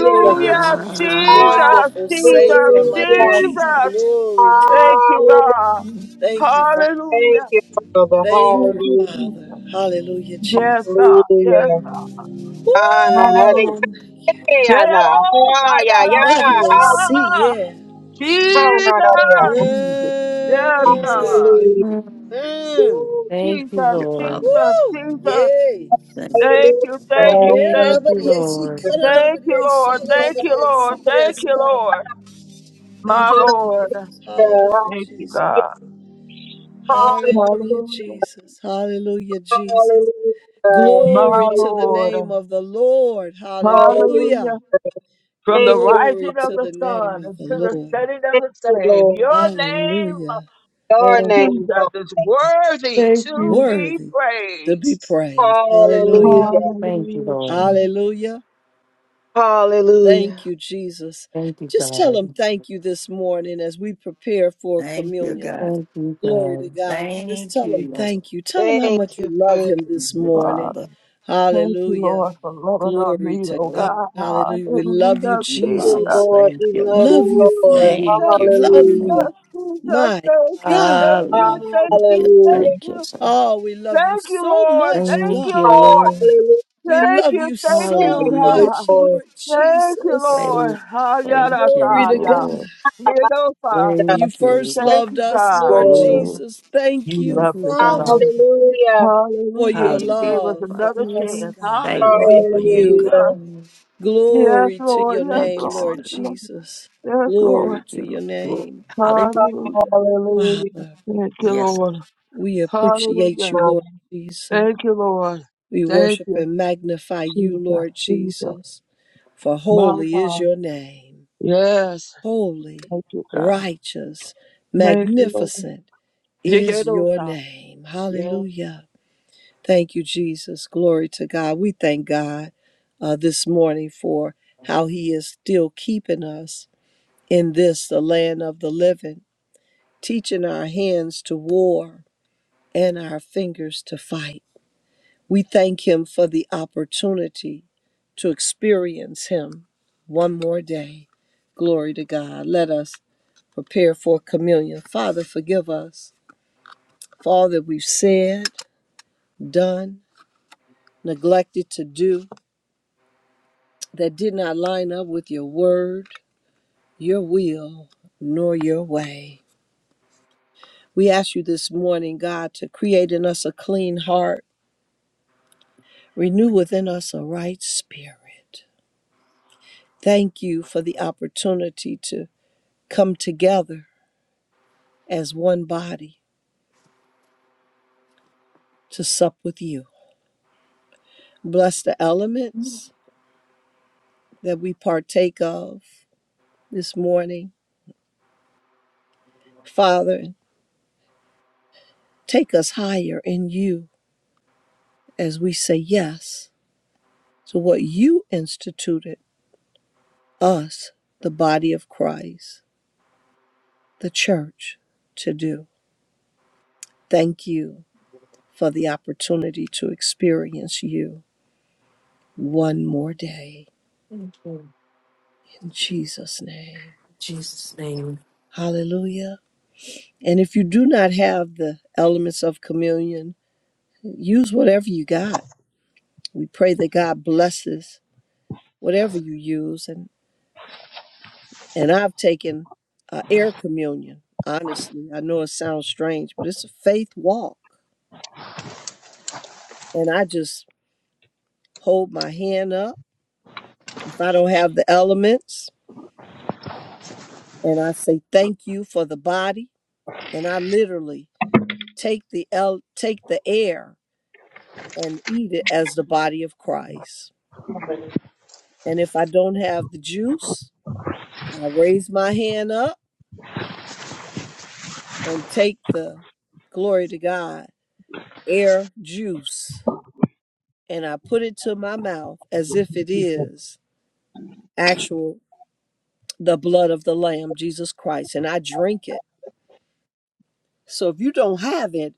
S5: Yes.
S1: Jesus.
S6: Jesus,
S1: Wonderful
S6: Jesus,
S1: Savior,
S4: Thank
S1: mighty
S4: you,
S5: Hallelujah.
S1: AC.
S4: Jesus.
S6: Jesus.
S1: Glory to God.
S6: Thank you,
S5: Hallelujah.
S6: God.
S1: Thank you, Father.
S6: Hallelujah.
S5: Thank you, Father.
S1: Thank
S6: Thank
S1: you,
S6: you, Jesus.
S1: Father. Hallelujah,
S6: Yes,
S1: Jesus.
S6: God. Yes,
S5: Hallelujah. Ah, na, na, de,
S1: Woo!
S6: Hallelujah.
S5: ya,
S6: Yes,
S5: na. Ah,
S6: I
S5: ya, ya.
S6: gotta see
S1: Mighty
S5: Ah,
S1: AC,
S6: ya.
S1: yeah.
S5: ah, na, na, de, ya.
S6: Jesus.
S4: Jesus,
S6: Yes,
S4: Jesus,
S1: Mm.
S6: God.
S5: Hallelujah.
S2: Lord.
S1: Mm.
S6: Ooh,
S2: Thank you,
S6: Jesus,
S4: your
S2: Lord.
S4: Father.
S6: Jesus,
S1: Woo!
S6: Jesus.
S1: Yay!
S4: Thank you,
S6: Thank
S5: Hallelujah.
S6: you, thank
S4: Father.
S6: you,
S1: Yeah,
S6: thank
S2: Thank
S1: love of
S2: you,
S1: the
S6: you.
S1: AC,
S2: Lord.
S1: cut it over
S6: Thank
S1: the
S6: you,
S1: AC,
S6: Lord.
S1: love
S6: Thank
S1: of the
S6: you,
S1: AC.
S6: Lord. Thank
S1: Yes,
S6: you,
S1: God.
S6: Lord.
S1: Thank
S6: My
S1: you,
S6: Lord.
S5: Hallelujah.
S1: Jesus. Hallelujah,
S6: Thank
S5: Hallelujah.
S6: you,
S1: Jesus.
S6: God.
S5: Hallelujah.
S1: Hallelujah,
S6: Hallelujah.
S1: Jesus. Hallelujah, Jesus.
S5: Hallelujah.
S6: My
S1: Glory to the
S5: Hallelujah.
S1: name
S6: Lord.
S1: of the Lord.
S5: Hallelujah.
S1: Hallelujah.
S6: Hallelujah. from the
S5: Thank you,
S1: Glory
S6: rising of
S1: to
S6: the
S1: the
S5: Father.
S1: name
S6: sun
S1: of the
S6: to the
S1: Lord.
S6: setting of
S5: Thank
S6: the
S5: you,
S6: same.
S5: Lord.
S6: Your name,
S1: Hallelujah.
S5: Your
S2: Thank,
S5: name,
S6: Jesus,
S5: Father.
S6: is worthy
S2: thank
S6: to
S2: you.
S6: be
S1: Worthy to be
S6: praised.
S1: praised.
S2: Oh,
S1: Hallelujah.
S5: Hallelujah.
S2: Thank you,
S6: Hallelujah,
S2: Lord.
S6: Jesus,
S1: Hallelujah. Thank
S5: Hallelujah.
S1: you, Jesus.
S2: Thank you,
S1: Just tell
S2: God.
S1: him thank you this morning as we prepare for
S4: Thank you,
S1: communion.
S4: God.
S2: Thank you,
S1: Glory to
S2: God.
S1: God. Just
S4: Thank
S1: tell
S4: you,
S1: him
S4: Lord.
S1: thank you. Tell him how
S5: Thank
S1: much you
S5: you,
S1: love
S5: Father.
S1: him
S5: Thank
S1: this
S4: Your
S1: morning.
S6: Father.
S4: Father.
S6: Thank you,
S1: Hallelujah.
S6: Lord, for loving on
S1: Glory
S6: me,
S1: to
S6: oh
S1: God.
S4: Oh,
S6: God.
S1: Hallelujah. We love you,
S4: love
S6: Hallelujah,
S4: you,
S5: you,
S4: Father.
S6: Jesus.
S1: Jesus.
S5: Lord.
S4: Thank
S5: We
S4: you,
S5: love
S4: Lord.
S1: Love you,
S5: you,
S6: Ooh,
S5: Lord.
S1: Father.
S4: Thank
S6: Jesus,
S4: you,
S1: Love
S4: Father.
S5: Hallelujah.
S6: Jesus,
S1: you.
S6: Jesus.
S1: My
S6: Thank you,
S1: God,
S6: thank
S1: I
S4: Hallelujah.
S6: you,
S1: love you.
S6: thank you, thank
S5: Hallelujah.
S4: Thank you,
S6: you.
S4: Lord.
S1: Oh, we love you
S6: Thank you,
S1: so
S6: Lord.
S1: much,
S6: Thank
S4: Thank
S1: God.
S6: you,
S4: you,
S6: Lord.
S4: Lord.
S5: Hallelujah,
S1: We
S6: Thank
S1: love
S6: you,
S1: you
S6: thank
S1: so
S6: you,
S4: Hallelujah.
S6: God.
S1: much,
S5: Lord.
S1: Lord
S6: Thank you,
S1: Jesus.
S6: Lord.
S4: Thank thank you,
S1: Glory to
S6: Hayarasaya.
S1: God.
S4: Lord.
S6: Midosa.
S5: Yes,
S1: You
S4: Thank you,
S1: first
S4: Lord.
S6: Thank
S1: loved
S6: you,
S1: us,
S6: God.
S1: Lord
S5: Lord.
S4: Glory.
S1: Jesus. Thank
S6: You
S1: you,
S2: Thank
S6: love
S2: you,
S6: this God.
S1: Father.
S2: God.
S5: Hallelujah.
S1: for
S6: Hallelujah.
S1: your
S6: You gave us
S4: Hallelujah,
S1: love
S4: Father.
S1: for
S6: another
S2: Thank
S1: us,
S6: chance.
S2: You
S1: God.
S4: Thank
S2: are
S4: you
S6: Hallelujah,
S2: the
S1: Thank
S4: for your
S2: Lord.
S4: good.
S1: you.
S6: Jesus.
S5: Hallelujah.
S6: Yes,
S1: Glory to
S6: Lord.
S1: your
S6: Yes,
S4: Thank you
S1: name,
S4: for
S6: Lord.
S1: Lord
S4: your love.
S1: Jesus.
S6: Yes, Lord.
S4: Thank
S1: Glory to
S4: you. Lord.
S1: your
S4: Glory.
S1: name,
S4: Hallelujah.
S6: Hallelujah.
S1: Father.
S6: Thank you,
S4: Yes.
S6: Lord.
S1: We appreciate
S6: Hallelujah.
S1: you,
S5: Hallelujah.
S1: Lord Jesus.
S6: Thank you, Lord.
S1: We
S6: Thank
S1: worship
S6: you,
S1: and magnify you,
S6: Jesus.
S1: Lord
S6: Jesus.
S1: Jesus, for
S6: My
S1: holy is
S6: God.
S1: your name.
S6: Yes.
S1: Holy,
S6: Thank you, God.
S1: righteous,
S6: Thank you, Lord.
S1: magnificent
S6: Yes,
S1: is your
S6: Lord.
S1: name.
S6: Yes,
S1: Hallelujah. Thank you, Jesus. Glory to God. We thank God uh, this morning for how He is still keeping us in this, the land of the living, teaching our hands to war and our fingers to fight. We thank Him for the opportunity to experience Him one more day. Glory to God. Let us prepare for communion. Father, forgive us for all that we've said, done, neglected to do that did not line up with your word, your will, nor your way. We ask you this morning, God, to create in us a clean heart, renew within us a right spirit. Thank you for the opportunity to come together as one body to sup with you. Bless the elements that we partake of this morning. Father, take us higher in you as we say yes to what you instituted us, the body of Christ, the church, to do. Thank you for the opportunity to experience you one more day
S2: Thank you. In
S1: in Jesus' name.
S2: Jesus' name.
S1: Hallelujah. And if you do not have the elements of communion, use whatever you got. We pray that God blesses whatever you use. And, and I've taken uh, air communion, honestly. I know it sounds strange, but it's a faith walk. And I just hold my hand up if I don't have the elements. And I say, thank you for the body. And I literally take the el- take the air and eat it as the body of Christ. And if I don't have the juice, I raise my hand up and take the glory to God air juice and I put it to my mouth as if it is actual the blood of the lamb Jesus Christ and I drink it. So if you don't have it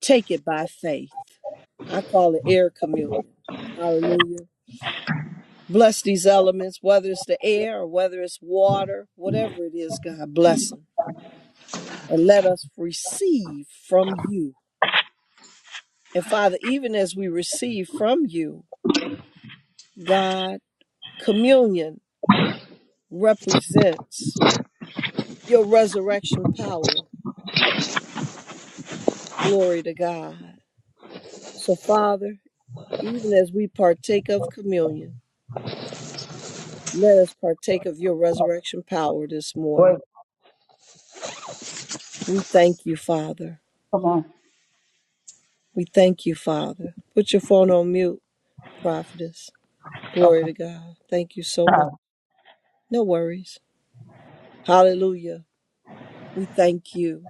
S1: Take it by faith. I call it air communion. Hallelujah. Bless these elements, whether it's the air or whether it's water, whatever it is, God, bless them. And let us receive from you. And Father, even as we receive from you, God, communion represents your resurrection power. Glory to God. So, Father, even as we partake of communion, let us partake of your resurrection power this morning. We thank you, Father. We thank you, Father. Put your phone on mute, prophetess. Glory to God. Thank you so much.
S6: God.
S1: No worries. Hallelujah. We thank you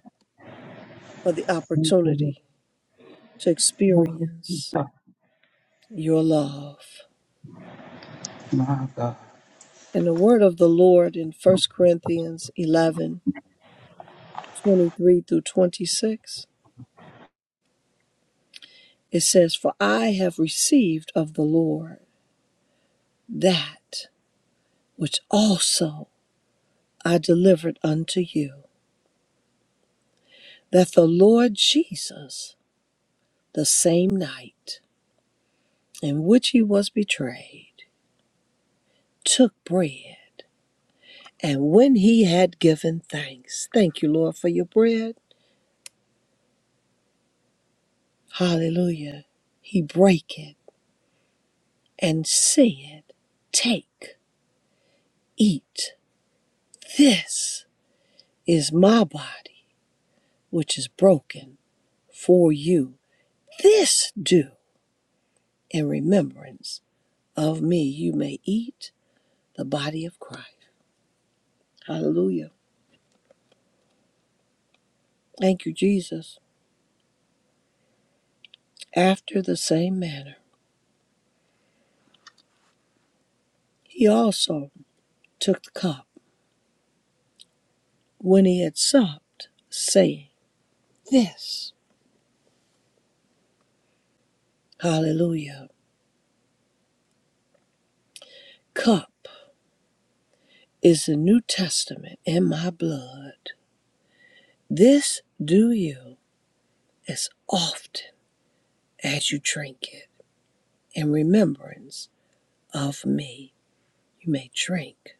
S1: for the opportunity to experience your love. And the word of the Lord in 1 Corinthians 11:23 through 26, it says, For I have received of the Lord that which also I delivered unto you that the Lord Jesus, the same night in which he was betrayed, took bread. And when he had given thanks, thank you, Lord, for your bread. Hallelujah. He brake it and said, Take, eat. This is my body, which is broken for you. This do in remembrance of me. You may eat the body of Christ. Hallelujah. Thank you, Jesus. After the same manner, he also took the cup when he had supped, saying, This, hallelujah, cup is the New Testament in my blood. This do you as often as you drink it in remembrance of me. You may drink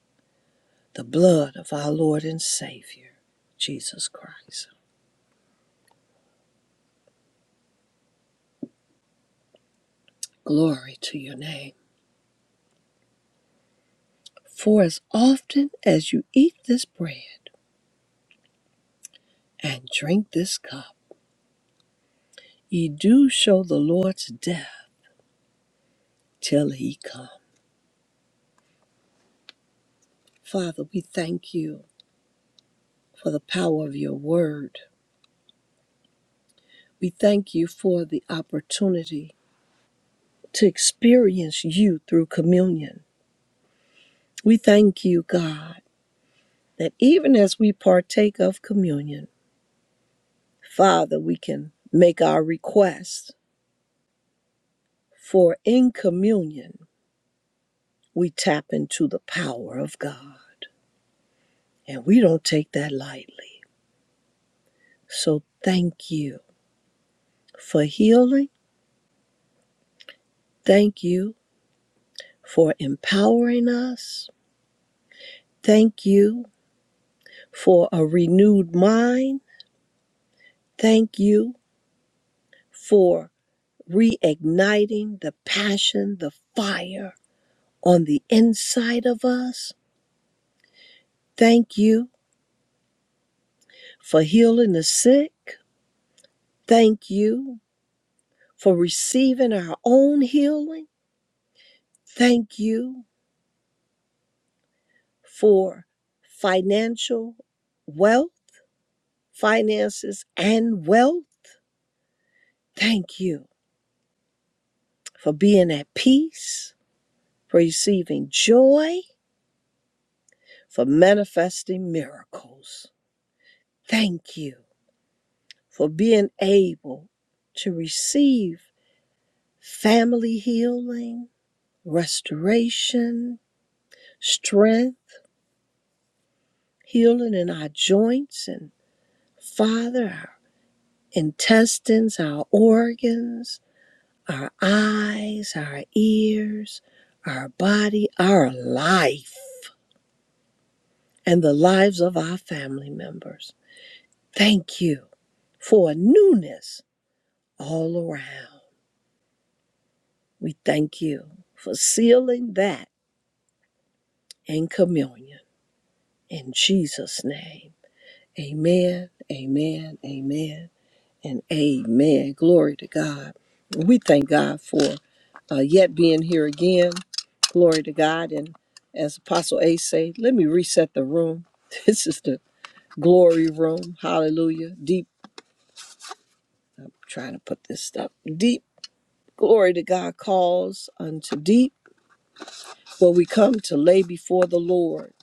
S1: the blood of our Lord and Savior, Jesus Christ. Glory to your name. For as often as you eat this bread, and drink this cup, ye do show the Lord's death till he come. Father, we thank you for the power of your word. We thank you for the opportunity to experience you through communion. We thank you, God, that even as we partake of communion, Father, we can make our requests, for in communion, we tap into the power of God, and we don't take that lightly. So thank you for healing. Thank you for empowering us. Thank you for a renewed mind. Thank you for reigniting the passion, the fire on the inside of us. Thank you for healing the sick. Thank you for receiving our own healing. Thank you for financial wealth, finances, and wealth. Thank you for being at peace, for receiving joy, for manifesting miracles. Thank you for being able to receive family healing, restoration, strength, healing in our joints and Father, our intestines, our organs, our eyes, our ears, our body, our life, and the lives of our family members. Thank you for a newness all around. We thank you for sealing that in communion. In Jesus' name, amen, amen, amen, and amen. Glory to God. We thank God for uh, yet being here again. Glory to God. And as Apostle A say, let me reset the room. This is the glory room. Hallelujah. Deep. I'm trying to put this stuff deep Glory to God calls unto deep, where we come to lay before the Lord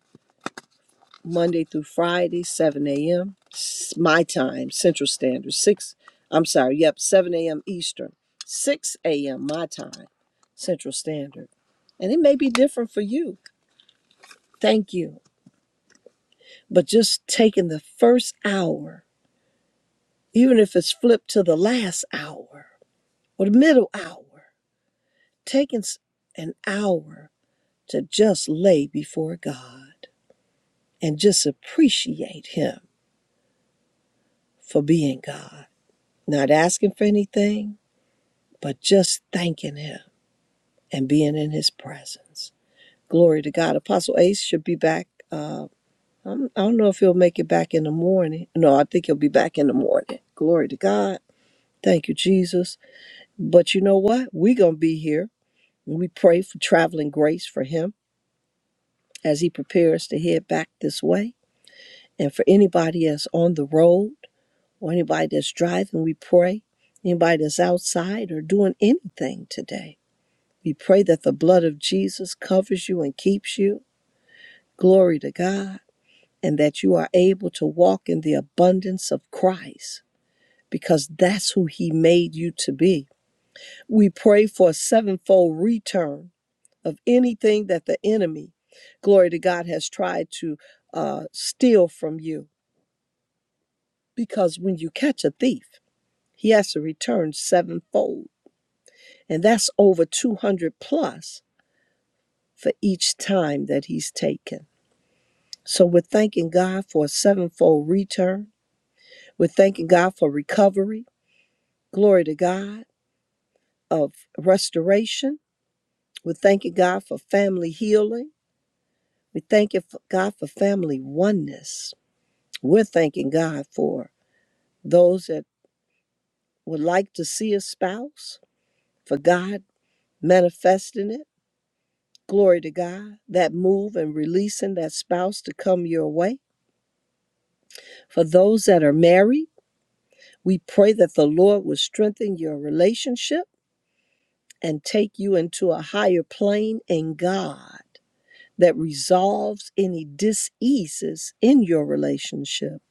S1: Monday through Friday, 7 a.m. my time, Central Standard, 6, I'm sorry, yep, 7 a.m. Eastern, 6 a.m. my time, Central Standard. And it may be different for you. Thank you. But just taking the first hour, even if it's flipped to the last hour or the middle hour, taking s- an hour to just lay before God and just appreciate Him for being God. Not asking for anything, but just thanking Him and being in His presence. Glory to God. Apostle Ace should be back. Uh, I'm- I do not know if he'll make it back in the morning. No, I think he'll be back in the morning. Glory to God. Thank you, Jesus. But you know what? We're going to be here. We pray for traveling grace for him as he prepares to head back this way. And for anybody that's on the road or anybody that's driving, we pray. Anybody that's outside or doing anything today, we pray that the blood of Jesus covers you and keeps you. Glory to God. And that you are able to walk in the abundance of Christ because that's who He made you to be. We pray for a sevenfold return of anything that the enemy, glory to God, has tried to uh, steal from you because when you catch a thief, he has to return sevenfold. And that's over 200 plus for each time that he's taken. So we're thanking God for a sevenfold return. We're thanking God for recovery. Glory to God of restoration. We're thanking God for family healing. We thank you for God for family oneness. We're thanking God for those that would like to see a spouse, for God manifesting it. Glory to God. That move and releasing that spouse to come your way. For those that are married, we pray that the Lord will strengthen your relationship and take you into a higher plane in God that resolves any diseases in your relationship.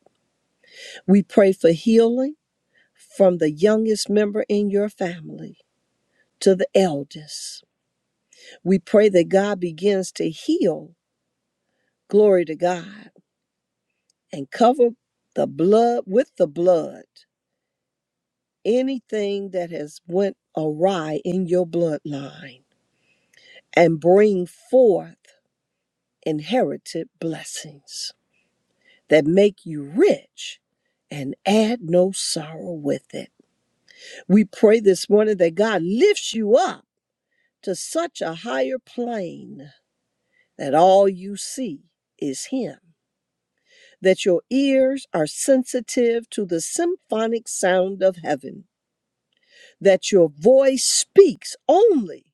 S1: We pray for healing from the youngest member in your family to the eldest. We pray that God begins to heal. Glory to God and cover the blood with the blood anything that has went awry in your bloodline and bring forth inherited blessings that make you rich and add no sorrow with it we pray this morning that god lifts you up to such a higher plane that all you see is him that your ears are sensitive to the symphonic sound of heaven that your voice speaks only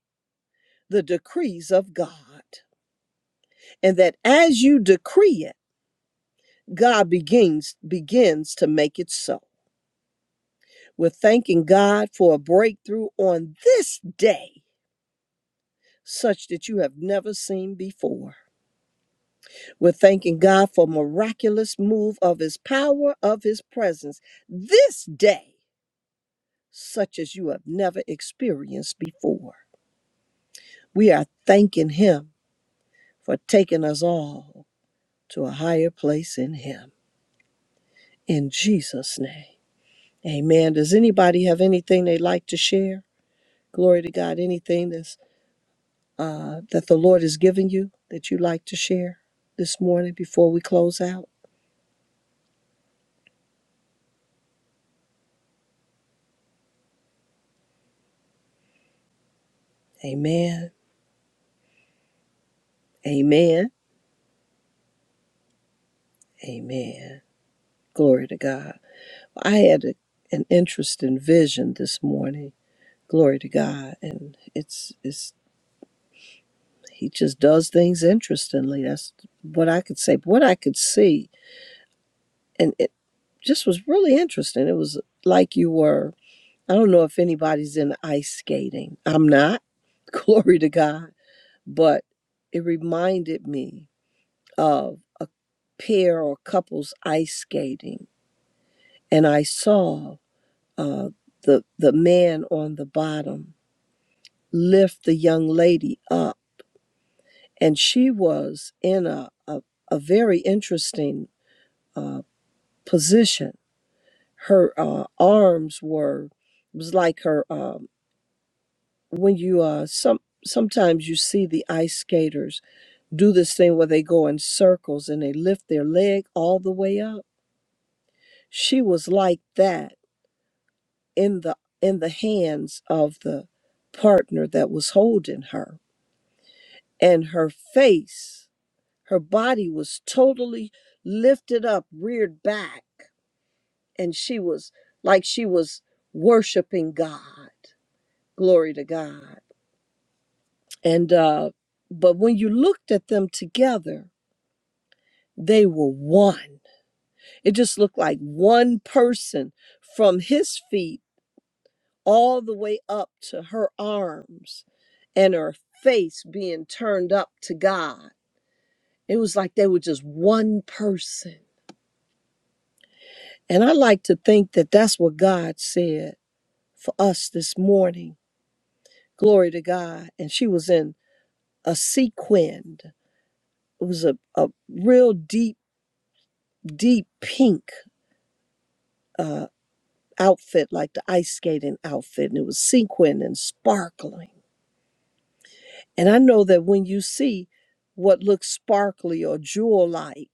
S1: the decrees of God and that as you decree it God begins begins to make it so. We're thanking God for a breakthrough on this day such that you have never seen before. We're thanking God for miraculous move of his power of his presence this day such as you have never experienced before. We are thanking him for taking us all to a higher place in Him. In Jesus' name. Amen. Does anybody have anything they'd like to share? Glory to God. Anything that's, uh, that the Lord has given you that you'd like to share this morning before we close out? Amen. Amen. Amen. Glory to God. I had a, an interesting vision this morning. Glory to God. And it's, it's, he just does things interestingly. That's what I could say. What I could see and it just was really interesting. It was like you were. I don't know if anybody's in ice skating. I'm not. Glory to God. But it reminded me of a pair or couples ice skating, and I saw uh, the the man on the bottom lift the young lady up, and she was in a a, a very interesting uh, position her uh, arms were it was like her um, when you uh, some sometimes you see the ice skaters do this thing where they go in circles and they lift their leg all the way up she was like that in the in the hands of the partner that was holding her and her face her body was totally lifted up reared back and she was like she was worshiping god Glory to God. And uh, but when you looked at them together, they were one. It just looked like one person from his feet all the way up to her arms and her face being turned up to God. It was like they were just one person. And I like to think that that's what God said for us this morning. Glory to God. And she was in a sequined, it was a, a real deep deep pink uh, outfit, like the ice skating outfit, and it was sequined and sparkling. And I know that when you see what looks sparkly or jewel like,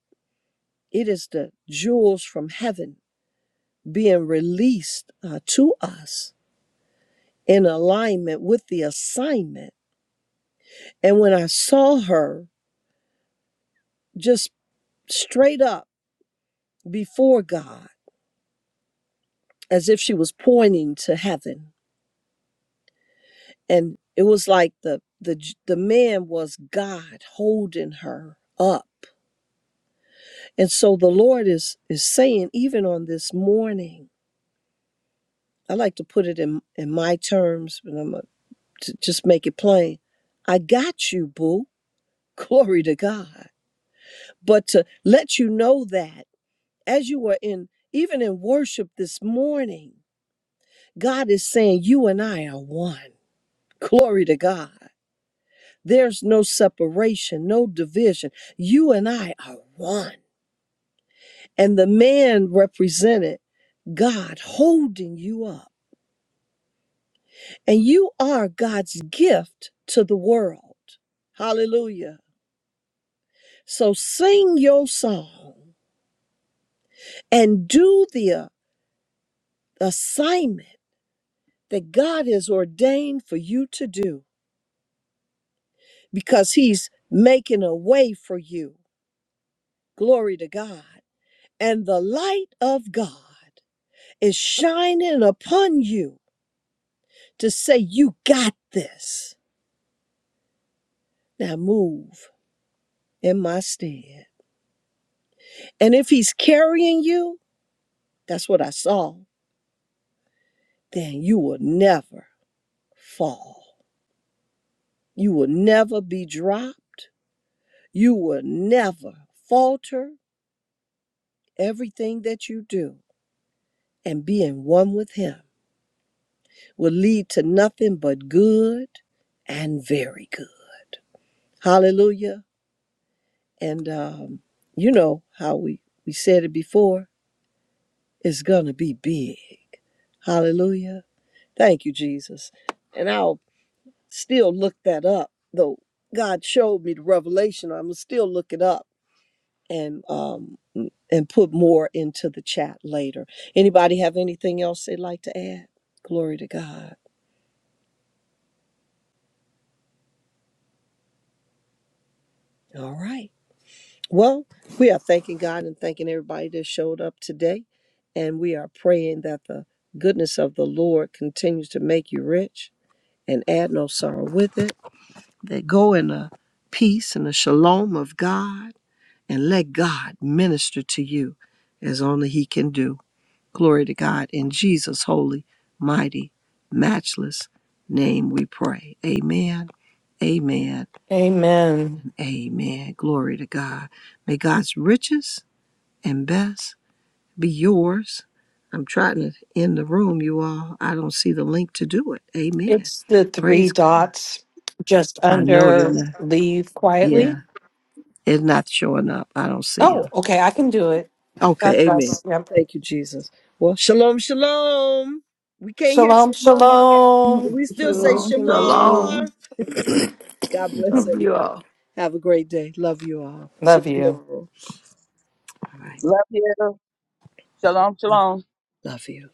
S1: it is the jewels from heaven being released uh, to us in alignment with the assignment. And when I saw her just straight up before God, as if she was pointing to heaven, and it was like the the the man was God holding her up. And so the Lord is is saying even on this morning, I like to put it in in my terms, but I'm gonna to just make it plain. I got you, boo. Glory to God. But to let you know that as you were in even in worship this morning, God is saying you and I are one. Glory to God. There's no separation, no division. You and I are one. And the man represented God holding you up. And you are God's gift to the world. Hallelujah. So sing your song and do the uh, assignment that God has ordained for you to do because He's making a way for you. Glory to God. And the light of God is shining upon you to say, You got this. Now move in my stead. And if he's carrying you, that's what I saw, then you will never fall. You will never be dropped. You will never falter. Everything that you do and being one with him will lead to nothing but good and very good. Hallelujah. And um, you know how we, we said it before, it's going to be big. Hallelujah. Thank you, Jesus. And I'll still look that up, though God showed me the revelation. I'm going to still look it up and um, and put more into the chat later. Anybody have anything else they'd like to add? Glory to God. All right. Well, we are thanking God and thanking everybody that showed up today. And we are praying that the goodness of the Lord continues to make you rich and add no sorrow with it. That go in the peace and the shalom of God and let God minister to you as only He can do. Glory to God. In Jesus' holy, mighty, matchless name we pray. Amen. Amen.
S2: Amen.
S1: Amen. Glory to God. May God's riches and best be yours. I'm trying to end the room, you all. I don't see the link to do it. Amen.
S2: It's the three
S1: Praise God.
S2: dots just
S1: I know they're
S2: under
S1: not.
S2: leave quietly.
S1: Yeah, it's not showing up. I don't see them.
S2: Oh, okay. I can do it. God
S1: Okay, amen.
S2: bless. Yep.
S1: Thank you, Jesus. Well, shalom, shalom. We can't hear
S2: Shalom,
S1: Shamar, but
S2: shalom.
S1: we still say
S3: Shalom,
S4: Shalom.
S3: shalom.
S4: Shalom.
S1: Shamar. God bless
S4: Love you
S1: everybody.
S4: all.
S1: Have a great day. Love you all. See
S2: Love
S1: you
S2: you.
S1: tomorrow. All right.
S6: Love you. Shalom, shalom.
S1: Love you.